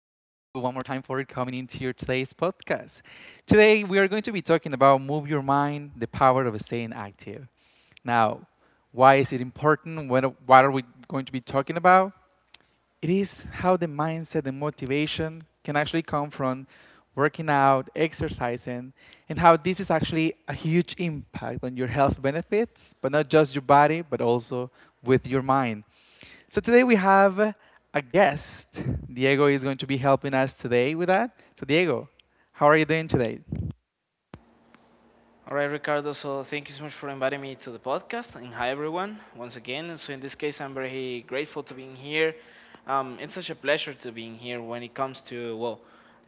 one more time for coming into your today's podcast. Today, we are going to be talking about Move Your Mind, the power of staying active. Now, why is it important? What are we going to be talking about? It is how the mindset and motivation can actually come from working out, exercising, and how this is actually a huge impact on your health benefits, but not just your body, but also with your mind. So today we have a guest. Diego is going to be helping us today with that. So Diego, how are you doing today? All right, Ricardo. So thank you so much for inviting me to the podcast. And hi, everyone, once again. So in this case, I'm very grateful to being here. It's such a pleasure to being here when it comes to well,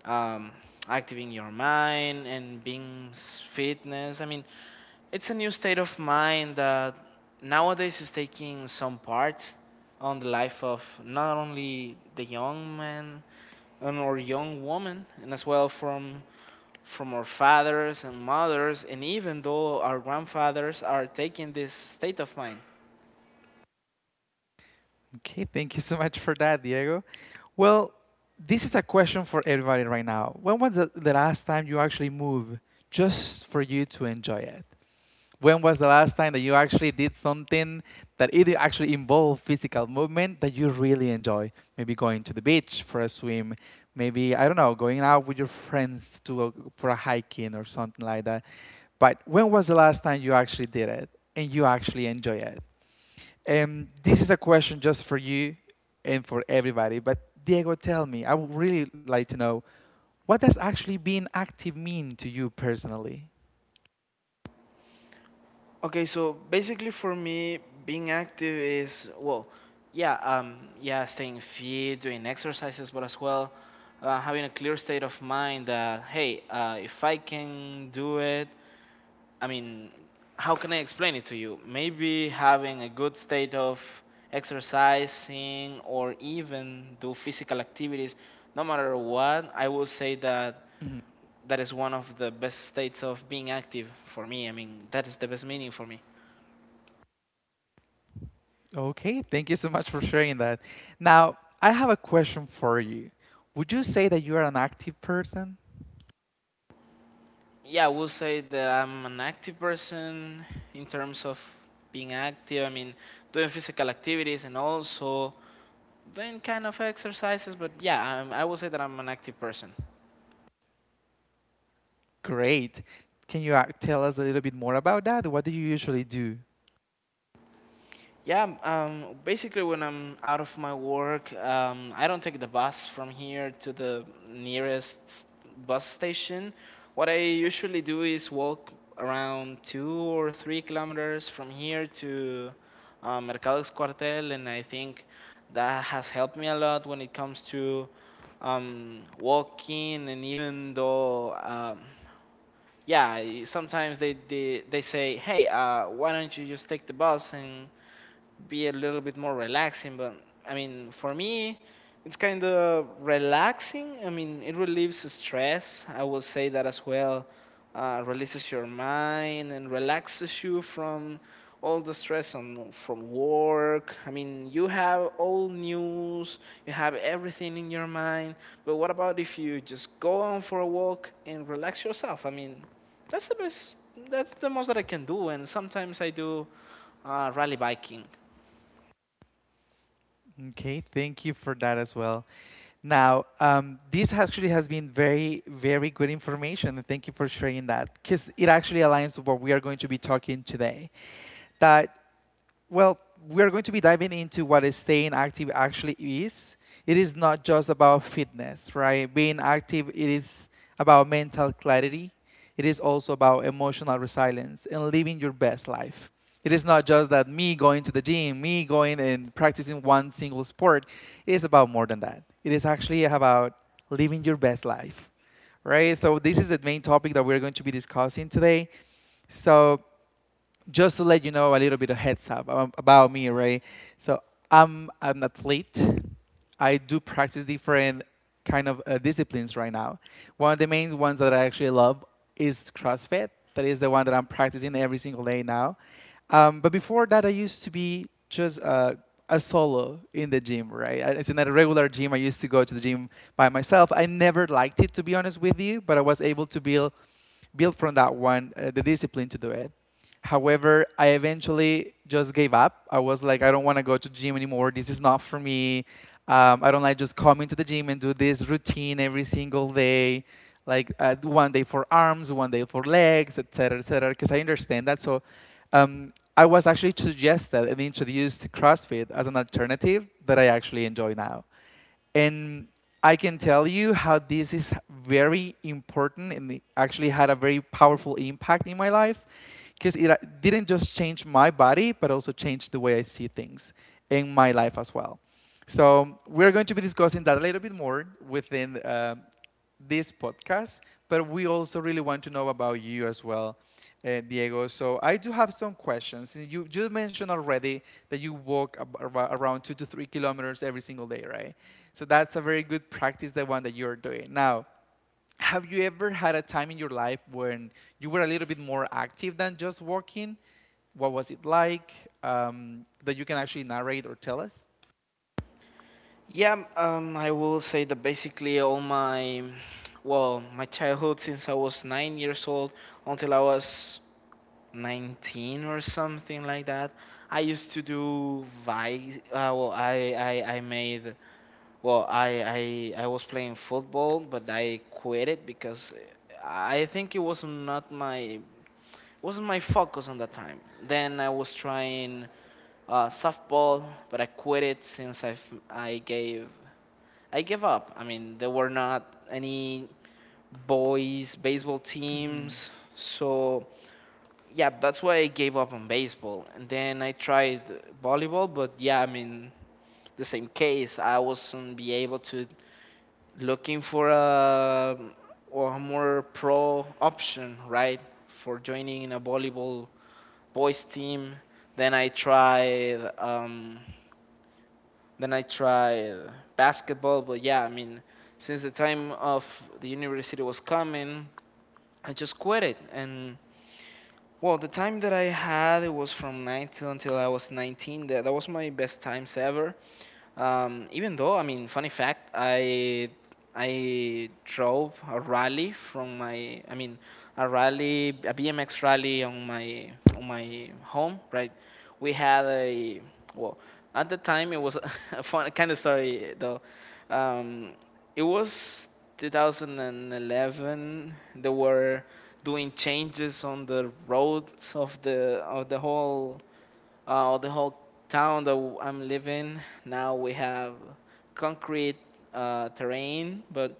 um, activating your mind and being fitness. I mean, it's a new state of mind that nowadays is taking some part on the life of not only the young man and or young woman, and as well from our fathers and mothers, and even though our grandfathers are taking this state of mind. Okay, thank you so much for that, Diego. Well, this is a question for everybody right now. When was the last time you actually moved just for you to enjoy it? When was the last time that you actually did something that it actually involved physical movement that you really enjoy? Maybe going to the beach for a swim, maybe, I don't know, going out with your friends to go for a hiking or something like that. But when was the last time you actually did it and you actually enjoy it? And this is a question just for you and for everybody. But Diego, tell me, I would really like to know what does actually being active mean to you personally? Okay, so basically for me, being active is well, yeah, yeah, staying fit, doing exercises, but as well, having a clear state of mind that hey, if I can do it. I mean, how can I explain it to you? Maybe having a good state of exercising or even do physical activities, no matter what, I will say that is one of the best states of being active for me. I mean, that is the best meaning for me. Okay, thank you so much for sharing that. Now, I have a question for you. Would you say that you are an active person? Yeah, I will say that I'm an active person in terms of being active. I mean, doing physical activities and also doing kind of exercises. But yeah, I will say that I'm an active person. Great. Can you tell us a little bit more about that? What do you usually do? Yeah, basically, when I'm out of my work, I don't take the bus from here to the nearest bus station. What I usually do is walk around 2 or 3 kilometers from here to Mercados Cuartel, and I think that has helped me a lot when it comes to walking. And even though, yeah, sometimes they say, hey, why don't you just take the bus and be a little bit more relaxing? But I mean, for me, it's kind of relaxing. I mean, it relieves stress. I will say that as well. Releases your mind and relaxes you from all the stress on from work. I mean, you have all news, you have everything in your mind. But what about if you just go on for a walk and relax yourself? I mean, that's the best. That's the most that I can do, and sometimes I do rally biking. Okay, thank you for that as well. Now, this actually has been very, very good information, and thank you for sharing that because it actually aligns with what we are going to be talking today. That well, we are going to be diving into what is staying active actually is. It is not just about fitness, right? Being active, it is about mental clarity. It is also about emotional resilience and living your best life. It is not just that me going to the gym, me going and practicing one single sport. It is about more than that. It is actually about living your best life, right? So, this is the main topic that we're going to be discussing today. So just to let you know a little bit of heads up about me, right? So I'm an athlete. I do practice different kind of disciplines right now. One of the main ones that I actually love is CrossFit. That is the one that I'm practicing every single day now. But before that, I used to be just a solo in the gym, right? It's not a regular gym. I used to go to the gym by myself. I never liked it, to be honest with you, but I was able to build from that one the discipline to do it. However, I eventually just gave up. I was like, I don't want to go to gym anymore. This is not for me. I don't like just coming to the gym and do this routine every single day, like one day for arms, one day for legs, etc., etc. Because I understand that. So I was actually suggested and introduced to CrossFit as an alternative that I actually enjoy now. And I can tell you how this is very important and it actually had a very powerful impact in my life because it didn't just change my body, but also changed the way I see things in my life as well. So we're going to be discussing that a little bit more within this podcast, but we also really want to know about you as well, Diego. So I do have some questions. You mentioned already that you walk around 2 to 3 kilometers every single day, right? So that's a very good practice, the one that you're doing now. Have you ever had a time in your life when you were a little bit more active than just walking? What was it like that you can actually narrate or tell us? Yeah, I will say that basically all my, well, my childhood since I was 9 years old until I was 19 or something like that, I used to do vi. Well, I made, well, I was playing football, but I quit it because I think it was not my, wasn't my focus on that time. Then I was trying softball, but I quit it since I gave I give up. I mean, there were not any boys baseball Mhm. teams, so yeah, that's why I gave up on baseball. And then I tried volleyball, but yeah, I mean, the same case. I wasn't be able to looking for a or a more pro option, right, for joining in a volleyball boys team. Then I tried Then I tried basketball, but yeah, I mean, since the time of the university was coming, I just quit it. And well, the time that I had it was from 19 until I was 19. That was my best times ever. Even though, I mean, funny fact, I drove a rally from my, I mean, a rally, a BMX rally on my home, right? We had a well, at the time it was a fun kind of story though. Um, it was 2011. They were doing changes on the roads of the whole or the whole town that I'm living now, we have concrete terrain, but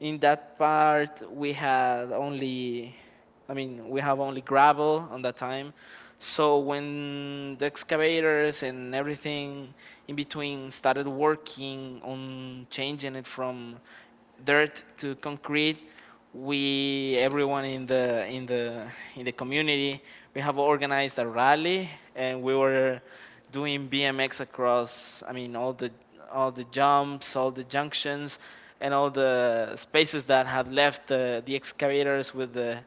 in that part we had only I mean we have only gravel on that time. So when the excavators and everything in between started working on changing it from dirt to concrete, we everyone in the in the community, we have organized a rally and we were doing BMX across, I mean all the jumps, all the junctions and all the spaces that had left the excavators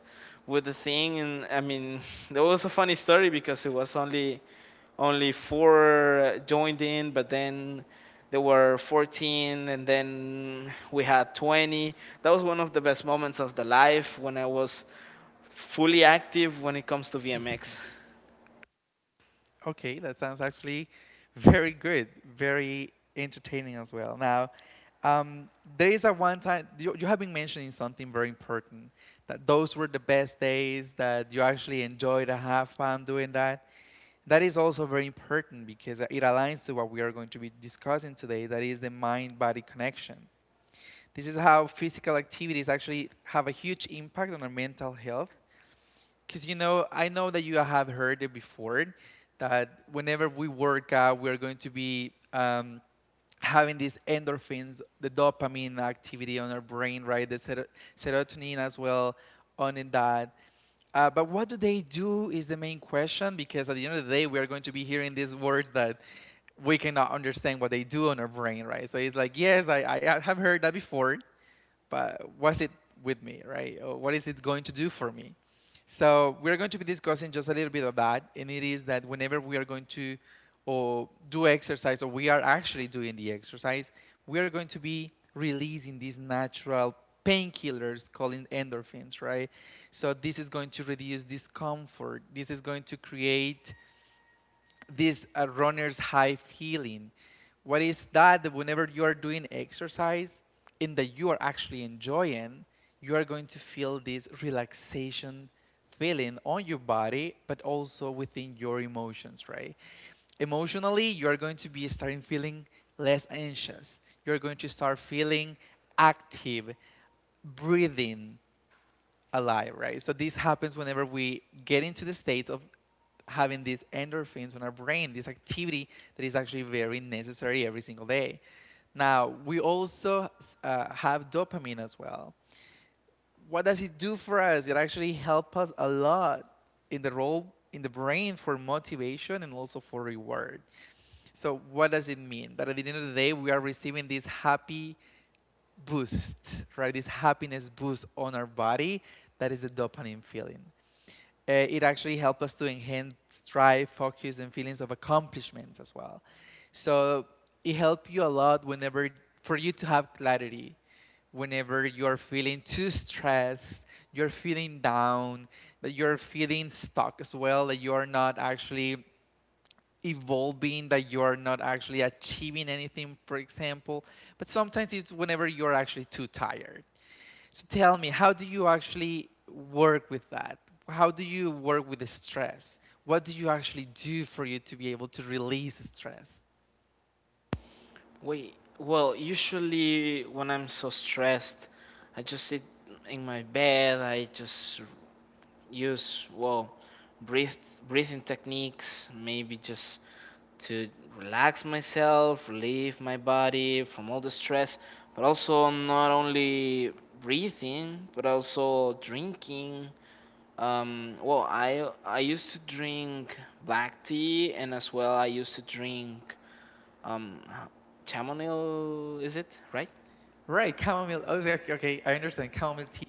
with the thing, and I mean there was a funny story because it was only four joined in, but then there were 14, and then we had 20. That was one of the best moments of the life when I was fully active when it comes to VMX. Okay, that sounds actually very good, very entertaining as well. Now, um, there is a one time you have been mentioning something very important that those were the best days that you actually enjoyed and have fun doing that. That is also very important because it aligns to what we are going to be discussing today, that is the mind body connection. This is how physical activities actually have a huge impact on our mental health. Because you know, I know that you have heard it before that whenever we work out, we're going to be having these endorphins, the dopamine activity on our brain, right? The serotonin as well on in that. But what do they do is the main question because at the end of the day, we are going to be hearing these words that we cannot understand what they do on our brain, right? So it's like, yes, I have heard that before, but what's it with me, right? Or what is it going to do for me? So we're going to be discussing just a little bit of that, and it is that whenever we are going to or do exercise, or we are actually doing the exercise, we are going to be releasing these natural painkillers called endorphins, right? So this is going to reduce discomfort. This is going to create this runner's high feeling. What is that? That whenever you are doing exercise and that you are actually enjoying, you are going to feel this relaxation feeling on your body, but also within your emotions, right? Emotionally, you are going to be starting feeling less anxious. You're going to start feeling active, breathing, a lie, right? So this happens whenever we get into the state of having these endorphins in our brain, this activity that is actually very necessary every single day. Now, we also have dopamine as well. What does it do for us? It actually helps us a lot in the role in the brain for motivation and also for reward. So what does it mean? That at the end of the day we are receiving this happy boost, right? This happiness boost on our body that is the dopamine feeling. It actually helps us to enhance drive, focus, and feelings of accomplishments as well. So it helps you a lot whenever for you to have clarity. Whenever you're feeling too stressed, you're feeling down, that you're feeling stuck as well, that you are not actually evolving, that you are not actually achieving anything, for example. But sometimes it's whenever you're actually too tired. So tell me, how do you actually work with that? How do you work with the stress? What do you actually do for you to be able to release stress? Wait, well, usually when I'm so stressed, I just sit in my bed. I just use well breathe breathing techniques. Maybe just to relax myself, relieve my body from all the stress, but also not only breathing, but also drinking. I used to drink black tea, and as well I used to drink um, chamomile. Is it right? Right, chamomile. Oh, yeah, okay, okay, I understand. Chamomile tea.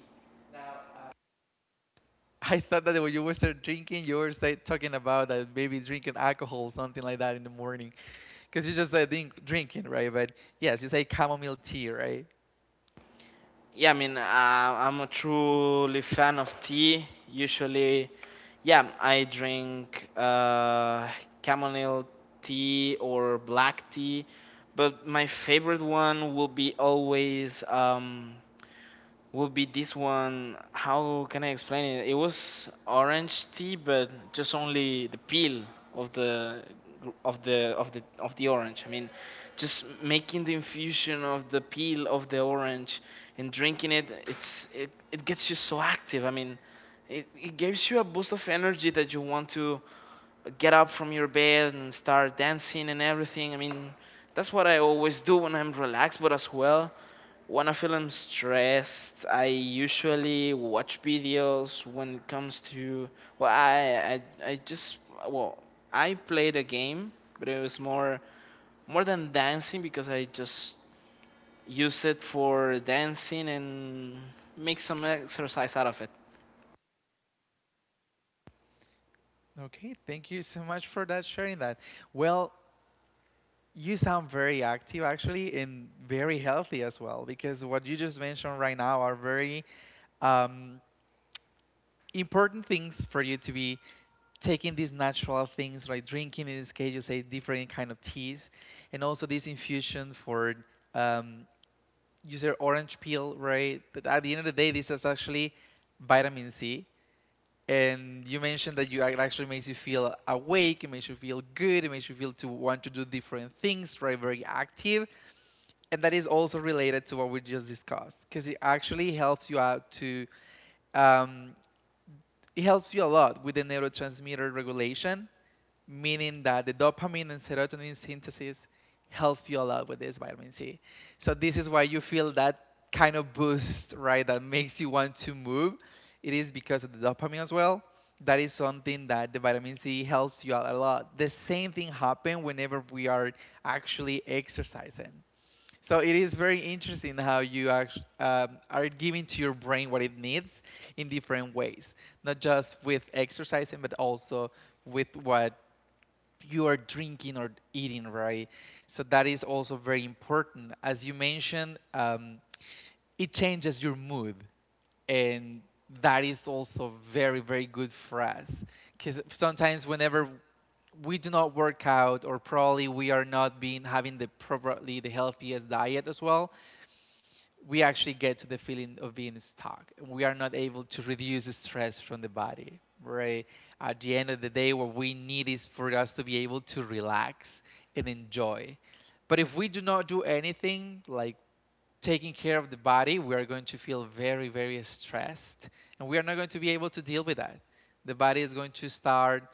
I thought that when you were start drinking, you were start talking about that maybe drinking alcohol, something like that in the morning, because you just said drink, drinking, right? But yes, you say chamomile tea, right? Yeah, I mean, I'm a truly fan of tea. Usually, yeah, I drink chamomile tea or black tea, but my favorite one will be always would be this one. How can I explain it? It was orange tea, but just only the peel of the of the of the orange. I mean, just making the infusion of the peel of the orange and drinking it. It gets you so active. I mean, it gives you a boost of energy that you want to get up from your bed and start dancing and everything. I mean, that's what I always do when I'm relaxed, but as well, when I feel I'm stressed, I usually watch videos when it comes to, well, I just, well, I played a game, but it was more, more than dancing because I just use it for dancing and make some exercise out of it. Okay, thank you so much for that sharing that. Well, you sound very active, actually, and very healthy as well, because what you just mentioned right now are very um, important things for you to be taking these natural things, like drinking, in this case, you say different kind of teas, and also this infusion for, um, you say orange peel, right? That at the end of the day, this is actually vitamin C. And you mentioned that you it actually makes you feel awake, it makes you feel good, it makes you feel to want to do different things, right? Very active and that is also related to what we just discussed because it actually helps you out to um, it helps you a lot with the neurotransmitter regulation meaning that the dopamine and serotonin synthesis helps you a lot with this vitamin C so this is why you feel that kind of boost right that makes you want to move it is because of the dopamine as well that is something that the vitamin C helps you out a lot the same thing happens whenever we are actually exercising so it is very interesting how you act, are giving to your brain what it needs in different ways, not just with exercising, but also with what you are drinking or eating, right? So that is also very important. As you mentioned, it changes your mood, and that is also very, very good for us. Because sometimes, whenever we do not work out or probably we are not being having the properly the healthiest diet as well, we actually get to the feeling of being stuck. We are not able to reduce the stress from the body, right? At the end of the day, what we need is for us to be able to relax and enjoy. But if we do not do anything like taking care of the body, we are going to feel very, very stressed and we are not going to be able to deal with that. The body is going to start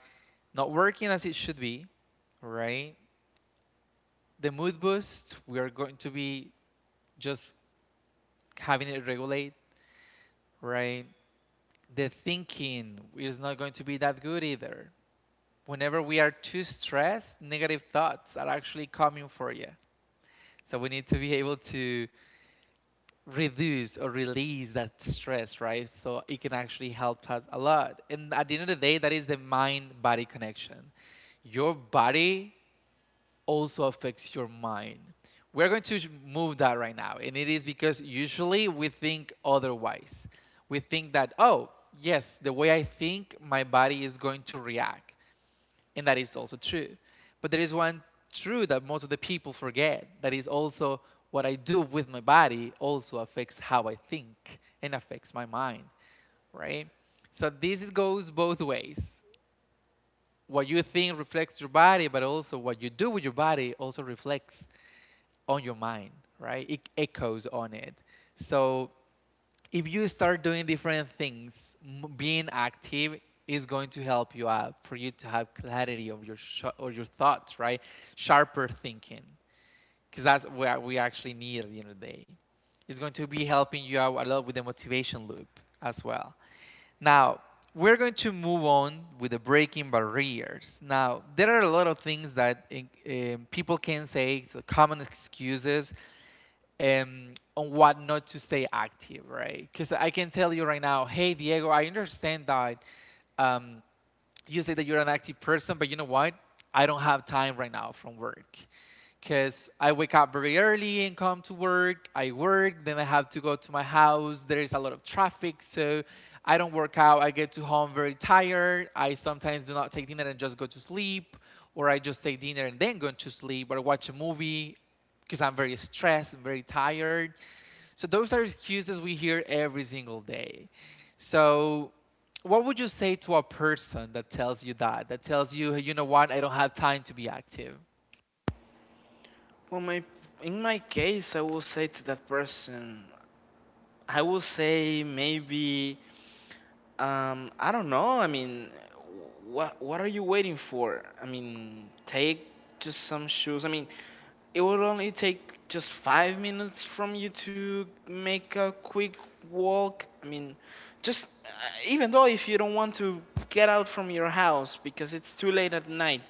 not working as it should be, right? The mood boost, we are going to be just having it regulate, right? The thinking is not going to be that good either. Whenever we are too stressed, negative thoughts are actually coming for you. So we need to be able to reduce or release that stress, right? So it can actually help us a lot. And at the end of the day, that is the mind body connection. Your body also affects your mind. We're going to move that right now, and it is because usually we think otherwise. We think that, oh, yes, the way I think, my body is going to react, and that is also true. But there is one truth that most of the people forget, that is also what I do with my body, also affects how I think and affects my mind, right? So this goes both ways. What you think reflects your body, but also what you do with your body also reflects on your mind, right? It echoes on it. So if you start doing different things, being active is going to help you out for you to have clarity of your or your thoughts, right? Sharper thinking, because that's what we actually need at the end of the day. It's going to be helping you out a lot with the motivation loop as well. Now we're going to move on with the breaking barriers. Now there are a lot of things that people can say, so common excuses um, on what not to stay active, right? Because I can tell you right now, hey Diego, I understand that um, you say that you're an active person, but you know what? I don't have time right now from work because I wake up very early and come to work. I work, then I have to go to my house. There is a lot of traffic, so I don't work out. I get to home very tired. I sometimes do not take dinner and just go to sleep, or I just take dinner and then go to sleep or watch a movie because I'm very stressed and very tired. So those are excuses we hear every single day. So what would you say to a person that tells you that? That tells you, "Hey, you know what, I don't have time to be active." Well, my in my case, I will say to that person, I would say maybe I don't know. I mean, what are you waiting for? I mean, take just some shoes. I mean, it will only take just 5 minutes from you to make a quick walk. I mean, just even though if you don't want to get out from your house because it's too late at night,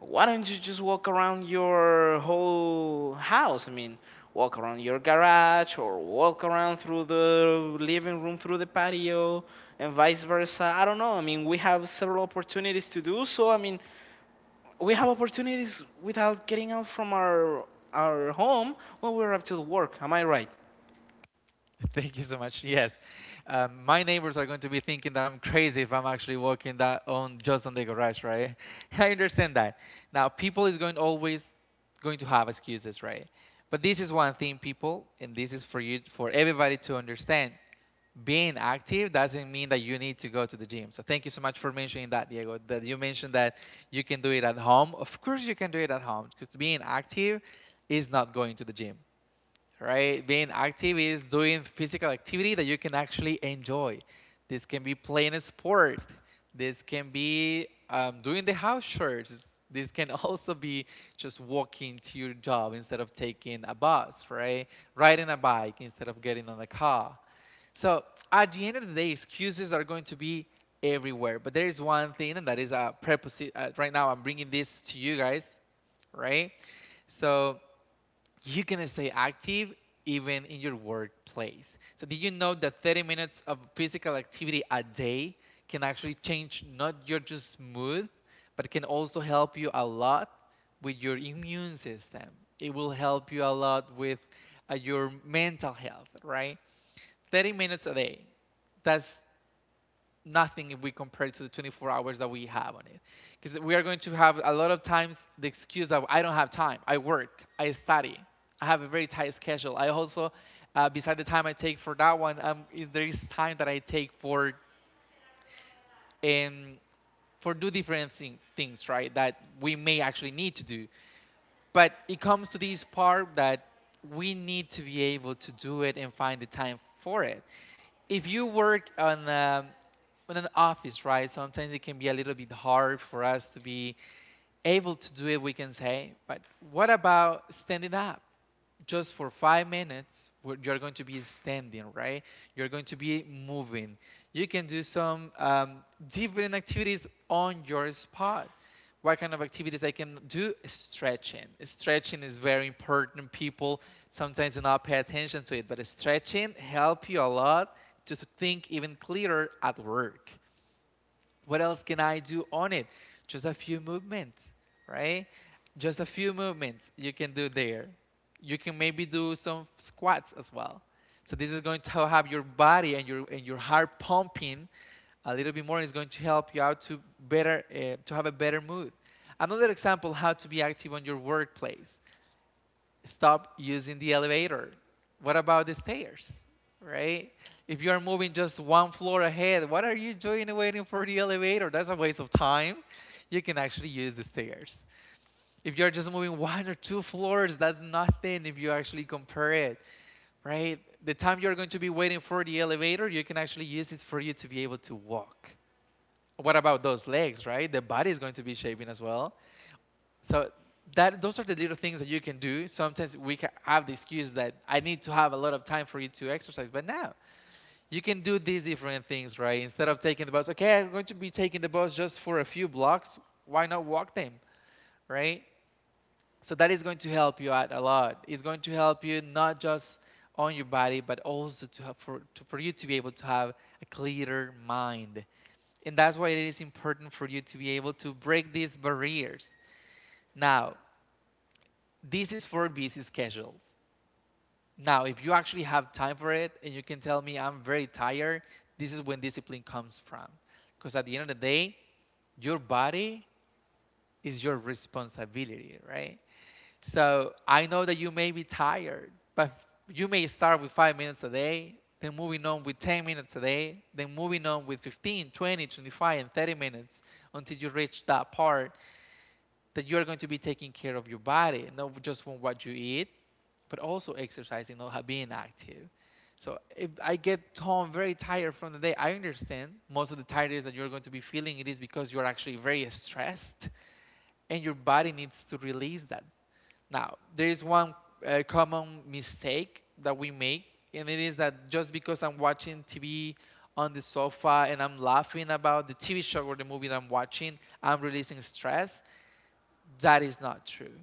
why don't you just walk around your whole house? I mean, walk around your garage or walk around through the living room, through the patio, and vice versa. I don't know. I mean, we have several opportunities to do so. I mean, we have opportunities without getting out from our home when we're up to the work. Am I right? Thank you so much. Yes, my neighbors are going to be thinking that I'm crazy if I'm actually walking that on just on the garage, right? I understand that. Now, people is going always going to have excuses, right? But this is one thing, people, and this is for you, for everybody to understand. Being active doesn't mean that you need to go to the gym. So thank you so much for mentioning that, Diego. That you mentioned that you can do it at home. Of course, you can do it at home because being active is not going to the gym, right? Being active is doing physical activity that you can actually enjoy. This can be playing a sport. This can be doing the house chores. This can also be just walking to your job instead of taking a bus, right? Riding a bike instead of getting on a car. So at the end of the day, excuses are going to be everywhere. But there is one thing, and that is a preposition. Right now, I'm bringing this to you guys, right? So you can stay active even in your workplace. So, did you know that 30 minutes of physical activity a day can actually change not your just mood, but can also help you a lot with your immune system? It will help you a lot with your mental health, right? 30 minutes a day. That's nothing if we compare it to the 24 hours that we have on it, because we are going to have a lot of times the excuse of I don't have time, I work, I study, I have a very tight schedule. I also beside the time I take for that one there is time that I take um, for do different things, right, that we may actually need to do, but it comes to this part that we need to be able to do it and find the time for it. If you work on in an office, right? Sometimes it can be a little bit hard for us to be able to do it. We can say, but what about standing up? Just for 5 minutes, where you're going to be standing, right? You're going to be moving. You can do some different activities on your spot. What kind of activities I can do? Stretching. Stretching is very important. People sometimes do not pay attention to it, but stretching help you a lot to think even clearer at work. What else can I do on it? Just a few movements, right? Just a few movements you can do there. You can maybe do some squats as well. So this is going to have your body and your heart pumping a little bit more, and it's going to help you out to better to have a better mood. Another example: how to be active on your workplace. Stop using the elevator. What about the stairs, right? If you are moving just one floor ahead, what are you doing waiting for the elevator? That's a waste of time. You can actually use the stairs. If you're just moving one or two floors, that's nothing if you actually compare it, right? The time you're going to be waiting for the elevator, you can actually use it for you to be able to walk. What about those legs, right? The body is going to be shaping as well. So that those are the little things that you can do. Sometimes we have the excuse that I need to have a lot of time for you to exercise, but now you can do these different things, right? Instead of taking the bus, okay, I'm going to be taking the bus just for a few blocks. Why not walk them, right? So that is going to help you out a lot. It's going to help you not just on your body, but also to have for you to be able to have a clearer mind. And that's why it is important for you to be able to break these barriers. Now, this is for busy schedules. Now, if you actually have time for it and you can tell me I'm very tired, this is when discipline comes from. Because at the end of the day, your body is your responsibility, right? So I know that you may be tired, but you may start with 5 minutes a day, then moving on with 10 minutes a day, then moving on with 15, 20, 25, and 30 minutes until you reach that part that you are going to be taking care of your body, not just from what you eat, but also exercising, not being active. So if I get home very tired from the day, I understand most of the tiredness that you're going to be feeling, it is because you're actually very stressed and your body needs to release that. Now, there is one common mistake that we make, and it is that just because I'm watching TV on the sofa and I'm laughing about the TV show or the movie that I'm watching, I'm releasing stress. That is not true,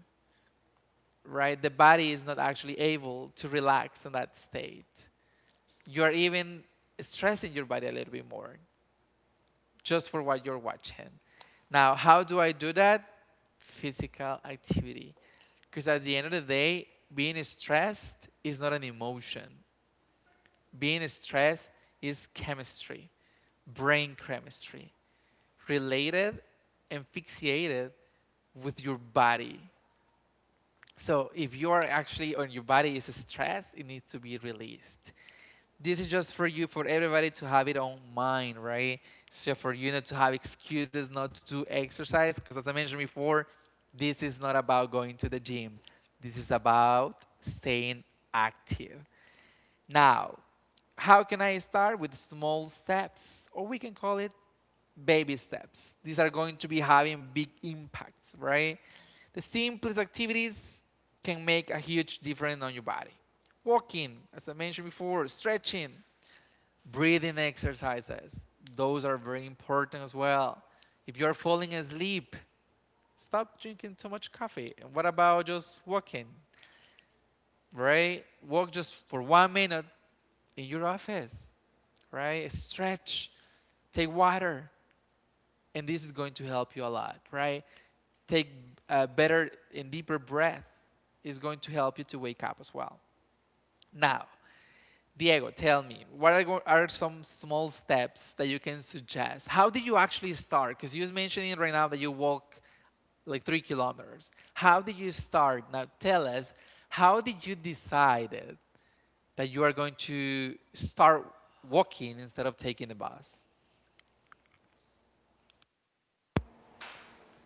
right? The body is not actually able to relax in that state. You are even stressing your body a little bit more just for what you're watching. Now, how do I do that? Physical activity. Because at the end of the day, being stressed is not an emotion. Being stressed is chemistry, brain chemistry, related and fixated with your body. So if you are actually on your body is stressed, it needs to be released. This is just for you, for everybody, to have it on mind, right? So for you not to have excuses not to exercise, because as I mentioned before, this is not about going to the gym. This is about staying active. Now, how can I start with small steps, or we can call it baby steps? These are going to be having big impacts, right? The simplest activities can make a huge difference on your body. Walking, as I mentioned before, stretching, breathing exercises, those are very important as well. If you're falling asleep, stop drinking too much coffee. And what about just walking, right? Walk just for 1 minute in your office, right? Stretch, take water. And this is going to help you a lot, right? Take a better and deeper breath, is going to help you to wake up as well. Now, Diego, tell me, what are, are some small steps that you can suggest? How did you actually start? Because you was mentioning right now that you walk like 3 kilometers. How did you start? Now tell us, how did you decide that you are going to start walking instead of taking the bus?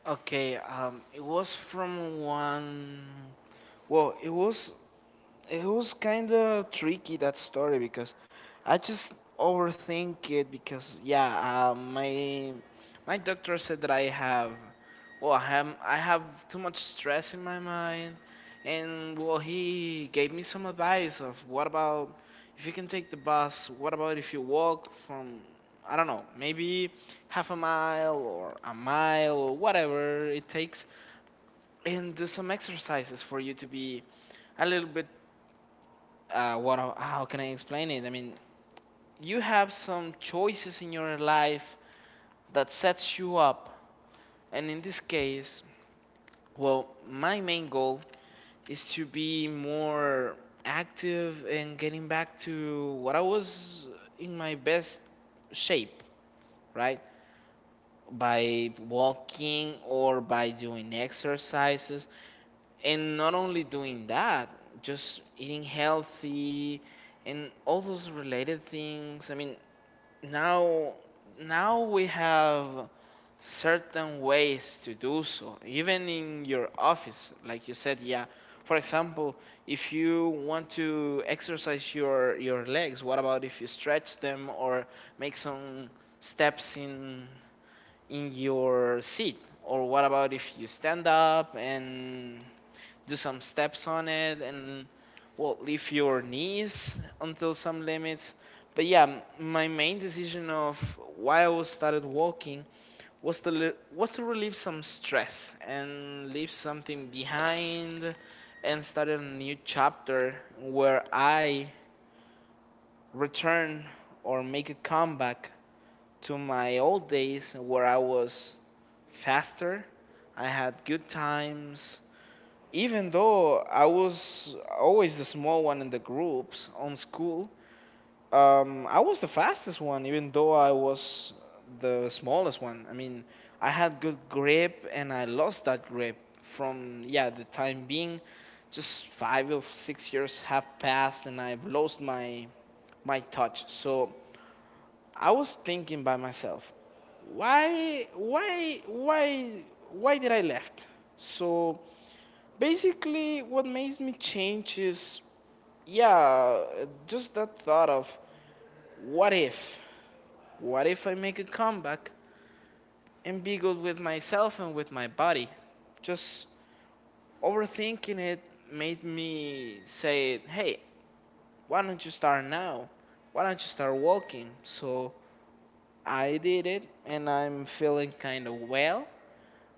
Okay. It was from one. Well, it was kind of tricky, that story, because I just overthink it because yeah, my my doctor said that I have well I have too much stress in my mind, and well he gave me some advice of what about if you can take the bus, what about if you walk from I don't know, maybe half a mile or whatever it takes and do some exercises for you to be a little bit how can I explain it? I mean, you have some choices in your life that sets you up, and in this case, well, my main goal is to be more active and getting back to what I was in my best shape, right? By walking or by doing exercises, and not only doing that, just eating healthy and all those related things. I mean, now now we have certain ways to do so even in your office like you said, yeah, for example, if you want to exercise your legs, what about if you stretch them or make some steps in your seat? Or what about if you stand up and do some steps on it and well lift your knees until some limits? But yeah, my main decision of why I was started walking was was to relieve some stress and leave something behind and start a new chapter where I return or make a comeback to my old days where I was faster. I had good times. Even though I was always the small one in the groups on school, I was the fastest one, even though I was the smallest one. I mean, I had good grip and I lost that grip from, yeah, the time being just 5 or 6 years have passed and I've lost my my touch. So I was thinking by myself, why, why, why, why did I left? So basically, what makes me change is, yeah, just that thought of what if, what if I make a comeback and be good with myself and with my body? Just overthinking it made me say, hey, why don't you start now? Why don't you start walking? So I did it and I'm feeling kind of well,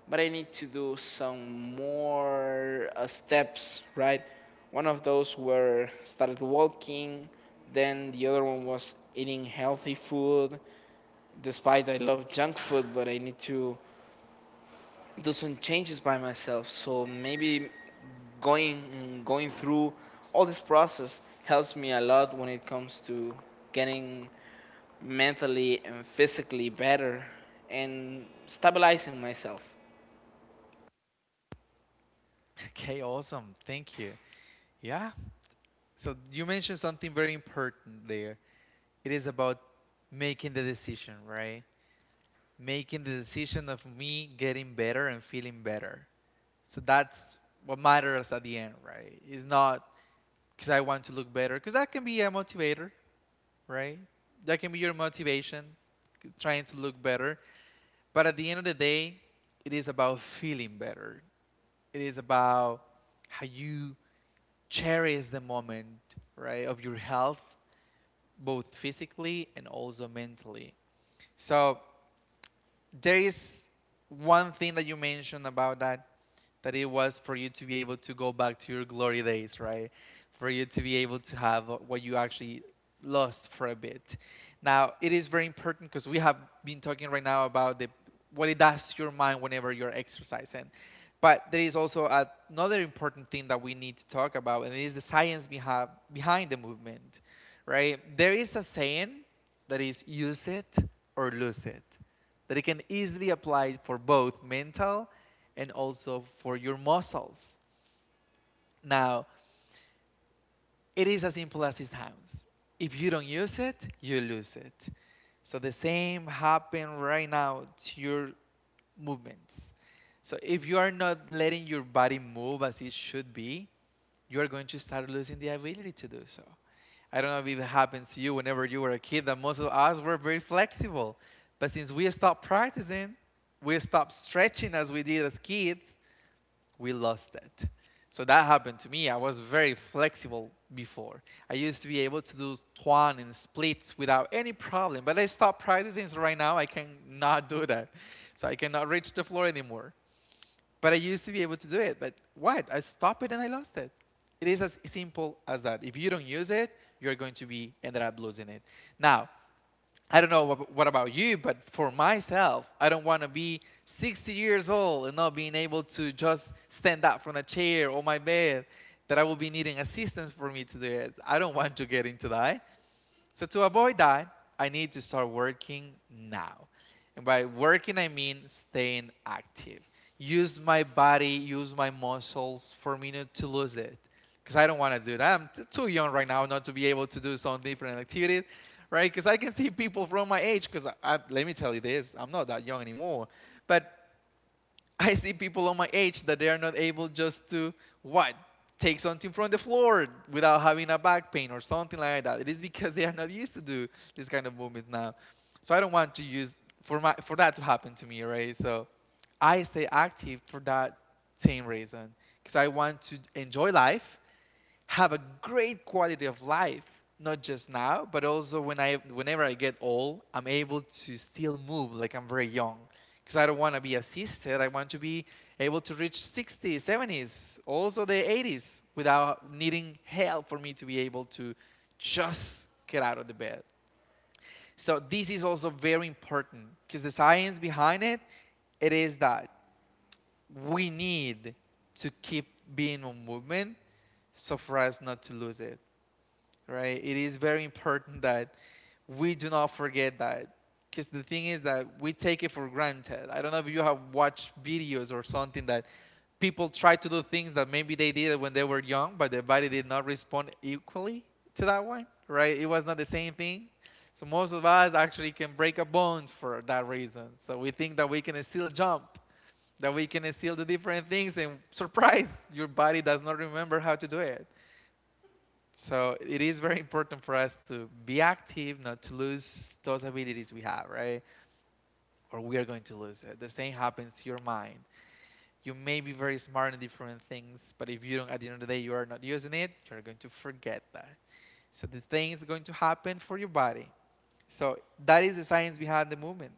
but I need to do some more steps, right? One of those were started walking, then the other one was eating healthy food. Despite I love junk food, but I need to do some changes by myself. So maybe going and going through all this process helps me a lot when it comes to getting mentally and physically better and stabilizing myself. Okay, awesome. Thank you. Yeah. So you mentioned something very important there. It is about making the decision, right? Making the decision of me getting better and feeling better. So that's what matters at the end, right? It's not because I want to look better, because that can be a motivator, right? That can be your motivation, trying to look better. But at the end of the day, it is about feeling better. It is about how you cherish the moment, right, of your health, both physically and also mentally. So there is one thing that you mentioned about that it was for you to be able to go back to your glory days, right? For you to be able to have what you actually lost for a bit. Now, it is very important because we have been talking right now about the what it does to your mind whenever you're exercising. But there is also another important thing that we need to talk about, and it is the science behind the movement, right? There is a saying that is, use it or lose it, that it can easily apply for both mental and also for your muscles. Now, it is as simple as it sounds. If you don't use it, you lose it. So the same happen right now to your movements. So if you are not letting your body move as it should be, you are going to start losing the ability to do so. I don't know if it happens to you whenever you were a kid that most of us were very flexible. But since we stopped practicing, we stopped stretching as we did as kids, we lost that. So that happened to me. I was very flexible before. I used to be able to do swan and splits without any problem, but I stopped practicing, so right now I cannot do that. So I cannot reach the floor anymore. But I used to be able to do it. But what? I stopped it and I lost it. It is as simple as that. If you don't use it, you're going to be ended up losing it. Now, I don't know what about you, but for myself, I don't want to be 60 years old and not being able to just stand up from a chair or my bed that I will be needing assistance for me to do it. I don't want to get into that. So to avoid that, I need to start working now. And by working, I mean staying active. Use my body, use my muscles for me not to lose it. Because I don't want to do that. I'm too young right now not to be able to do some different activities, right? Because I can see people from my age. Because let me tell you this, I'm not that young anymore. But I see people on my age that they are not able just to what take something from the floor without having a back pain or something like that. It is because they are not used to do this kind of movements now. So I don't want to use for that to happen to me, right? So I stay active for that same reason, because I want to enjoy life, have a great quality of life, not just now, but also whenever I get old, I'm able to still move like I'm very young. Because I don't want to be assisted. I want to be able to reach 60s, 70s, also the 80s without needing help for me to be able to just get out of the bed. So this is also very important because the science behind it, it is that we need to keep being on movement so for us not to lose it, right? It is very important that we do not forget that. Because the thing is that we take it for granted. I don't know if you have watched videos or something that people try to do things that maybe they did when they were young, but their body did not respond equally to that one, right? It was not the same thing. So most of us actually can break a bone for that reason. So we think that we can still jump, that we can still do different things, and surprise, your body does not remember how to do it. So it is very important for us to be active, not to lose those abilities we have, right? Or we are going to lose it. The same happens to your mind. You may be very smart in different things, but if you don't, at the end of the day, you are not using it, you're going to forget that. So the thing is going to happen for your body. So that is the science behind the movement.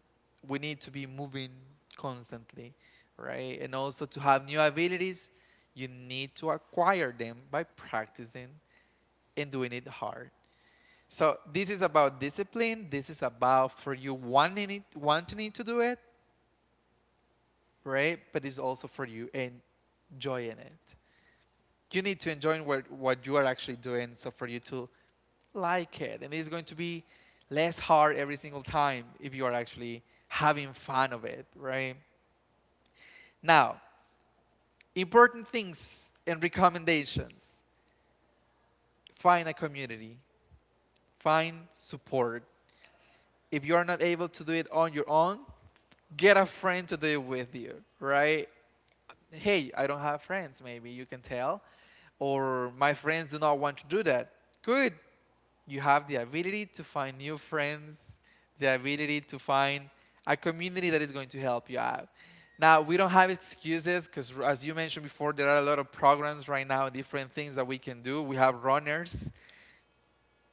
We need to be moving constantly, right? And also to have new abilities, you need to acquire them by practicing and doing it hard. So this is about discipline. This is about for you wanting it, to do it, right? But it's also for you enjoying it. You need to enjoy what you are actually doing. So for you to like it, and it's going to be less hard every single time if you are actually having fun of it, right? Now, important things and recommendations. Find a community. Find support. If you are not able to do it on your own, get a friend to do it with you, right? Hey, I don't have friends, maybe you can tell. Or my friends do not want to do that. Good. You have the ability to find new friends, the ability to find a community that is going to help you out. Now, we don't have excuses because, as you mentioned before, there are a lot of programs right now, different things that we can do. We have runners,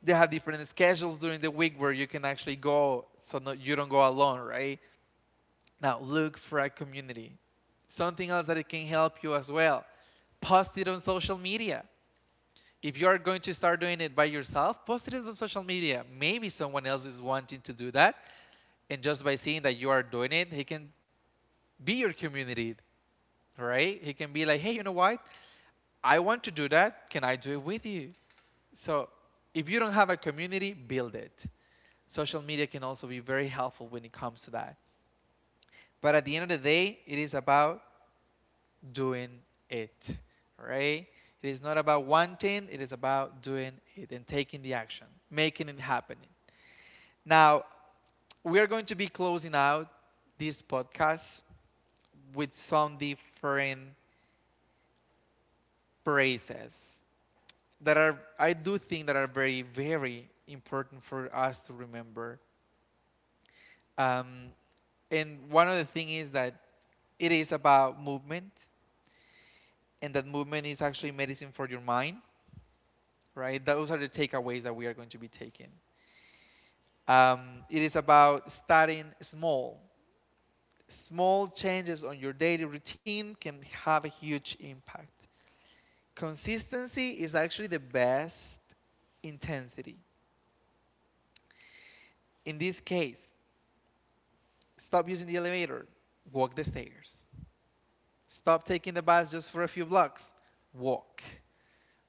they have different schedules during the week where you can actually go, so no, you don't go alone, right? Now look for a community. Something else that it can help you as well. Post it on social media. If you are going to start doing it by yourself, post it on social media. Maybe someone else is wanting to do that. And just by seeing that you are doing it, he can be your community, right? He can be like, hey, you know what? I want to do that. Can I do it with you? So if you don't have a community, build it. Social media can also be very helpful when it comes to that. But at the end of the day, it is about doing it, right? It is not about wanting, it is about doing it and taking the action, making it happen. Now, we are going to be closing out this podcast with some different phrases that are, I do think that are very very important for us to remember. Um, and one of the thing is that it is about movement, and that movement is actually medicine for your mind, right? Those are the takeaways that we are going to be taking. It is about starting small. Small changes on your daily routine can have a huge impact. Consistency is actually the best intensity. In this case, stop using the elevator, walk the stairs. Stop taking the bus just for a few blocks, walk,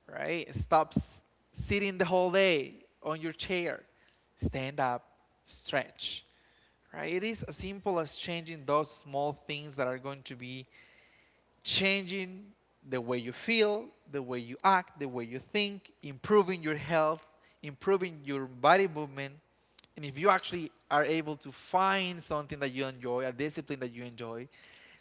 right? Stop sitting the whole day on your chair. Stand up, stretch, right? It is as simple as changing those small things that are going to be changing the way you feel, the way you act, the way you think, improving your health, improving your body movement. And if you actually are able to find something that you enjoy, a discipline that you enjoy,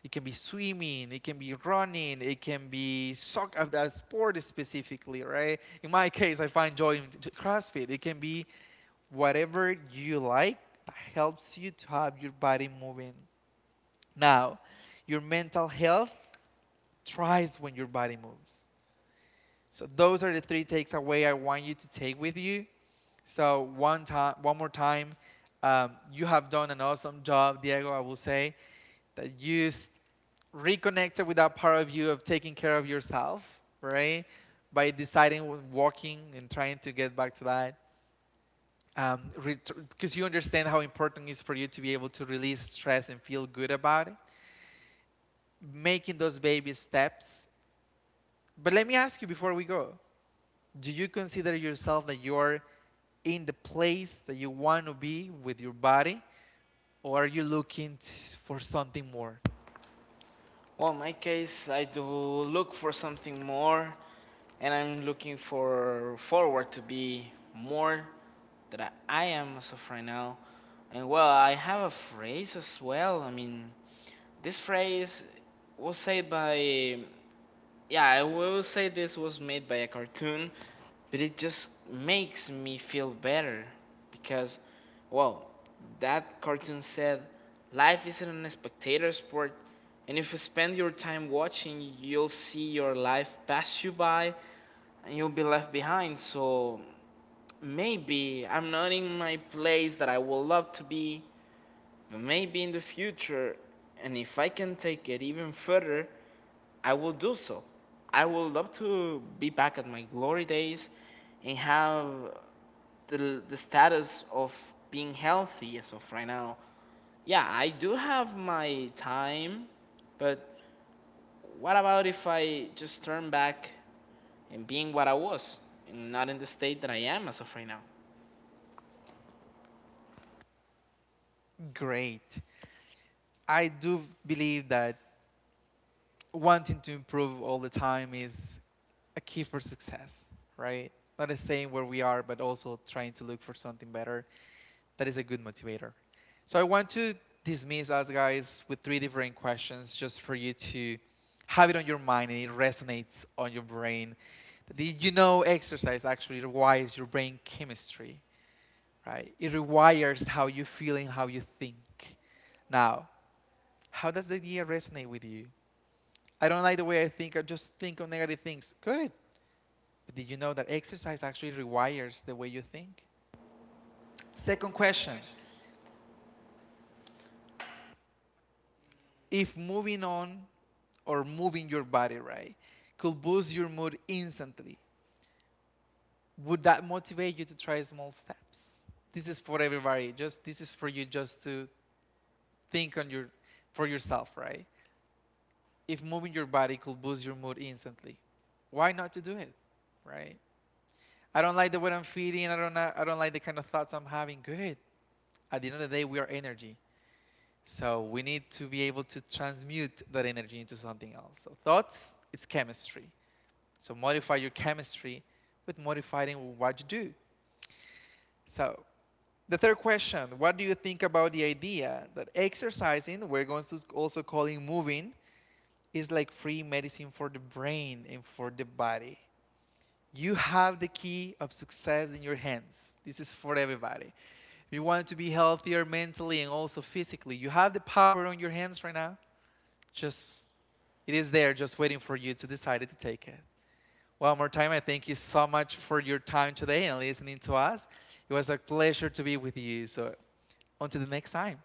it can be swimming, it can be running, it can be soccer, that sport specifically, right? In my case, I find joy in CrossFit. It can be whatever you like that helps you to have your body moving. Now, your mental health tries when your body moves. So those are the three takes away I want you to take with you. So one more time, you have done an awesome job, Diego. I will say that you reconnected with that part of you of taking care of yourself, right? By deciding when walking and trying to get back to that, um, because you understand how important it is for you to be able to release stress and feel good about it, making those baby steps. But let me ask you before we go, do you consider yourself that you're in the place that you want to be with your body, or are you looking for something more Well, in my case, I do look for something more, and I'm looking for forward to be more than I am as of right now. And well, I have a phrase as well. I mean, this phrase was said by Yeah, I will say this was made by a cartoon, but it just makes me feel better because, well, that cartoon said life isn't a spectator sport, and if you spend your time watching, you'll see your life pass you by and you'll be left behind. So maybe I'm not in my place that I would love to be, but maybe in the future, and if I can take it even further, I will do so. I would love to be back at my glory days and have the status of being healthy as of right now. Yeah, I do have my time, but what about if I just turn back and being what I was and not in the state that I am as of right now? great? I do believe that wanting to improve all the time is a key for success, right? Not staying where we are, but also trying to look for something better, that is a good motivator. So I want to dismiss us guys with three different questions just for you to have it on your mind and it resonates on your brain. Did you know exercise actually rewires your brain chemistry, right? It rewires how you feel and how you think. Now, how does the idea resonate with you? I don't like the way I think, I just think on negative things. Good. But did you know that exercise actually rewires the way you think? Second question, if moving on, or moving your body, right, could boost your mood instantly, would that motivate you to try small steps? This is for everybody. Just this is for you just to think on your for yourself, right? If moving your body could boost your mood instantly, why not to do it, right? I don't like the way I'm feeling. I don't like the kind of thoughts I'm having. Good. At the end of the day, we are energy. So we need to be able to transmute that energy into something else. So thoughts, it's chemistry. So modify your chemistry with modifying what you do. So the third question, what do you think about the idea that exercising, we're going to also calling moving, is like free medicine for the brain and for the body? You have the key of success in your hands. This is for everybody. If you want to be healthier mentally and also physically, you have the power on your hands right now. Just it is there just waiting for you to decide to take it. One more time, I thank you so much for your time today and listening to us. It was a pleasure to be with you. So until the next time.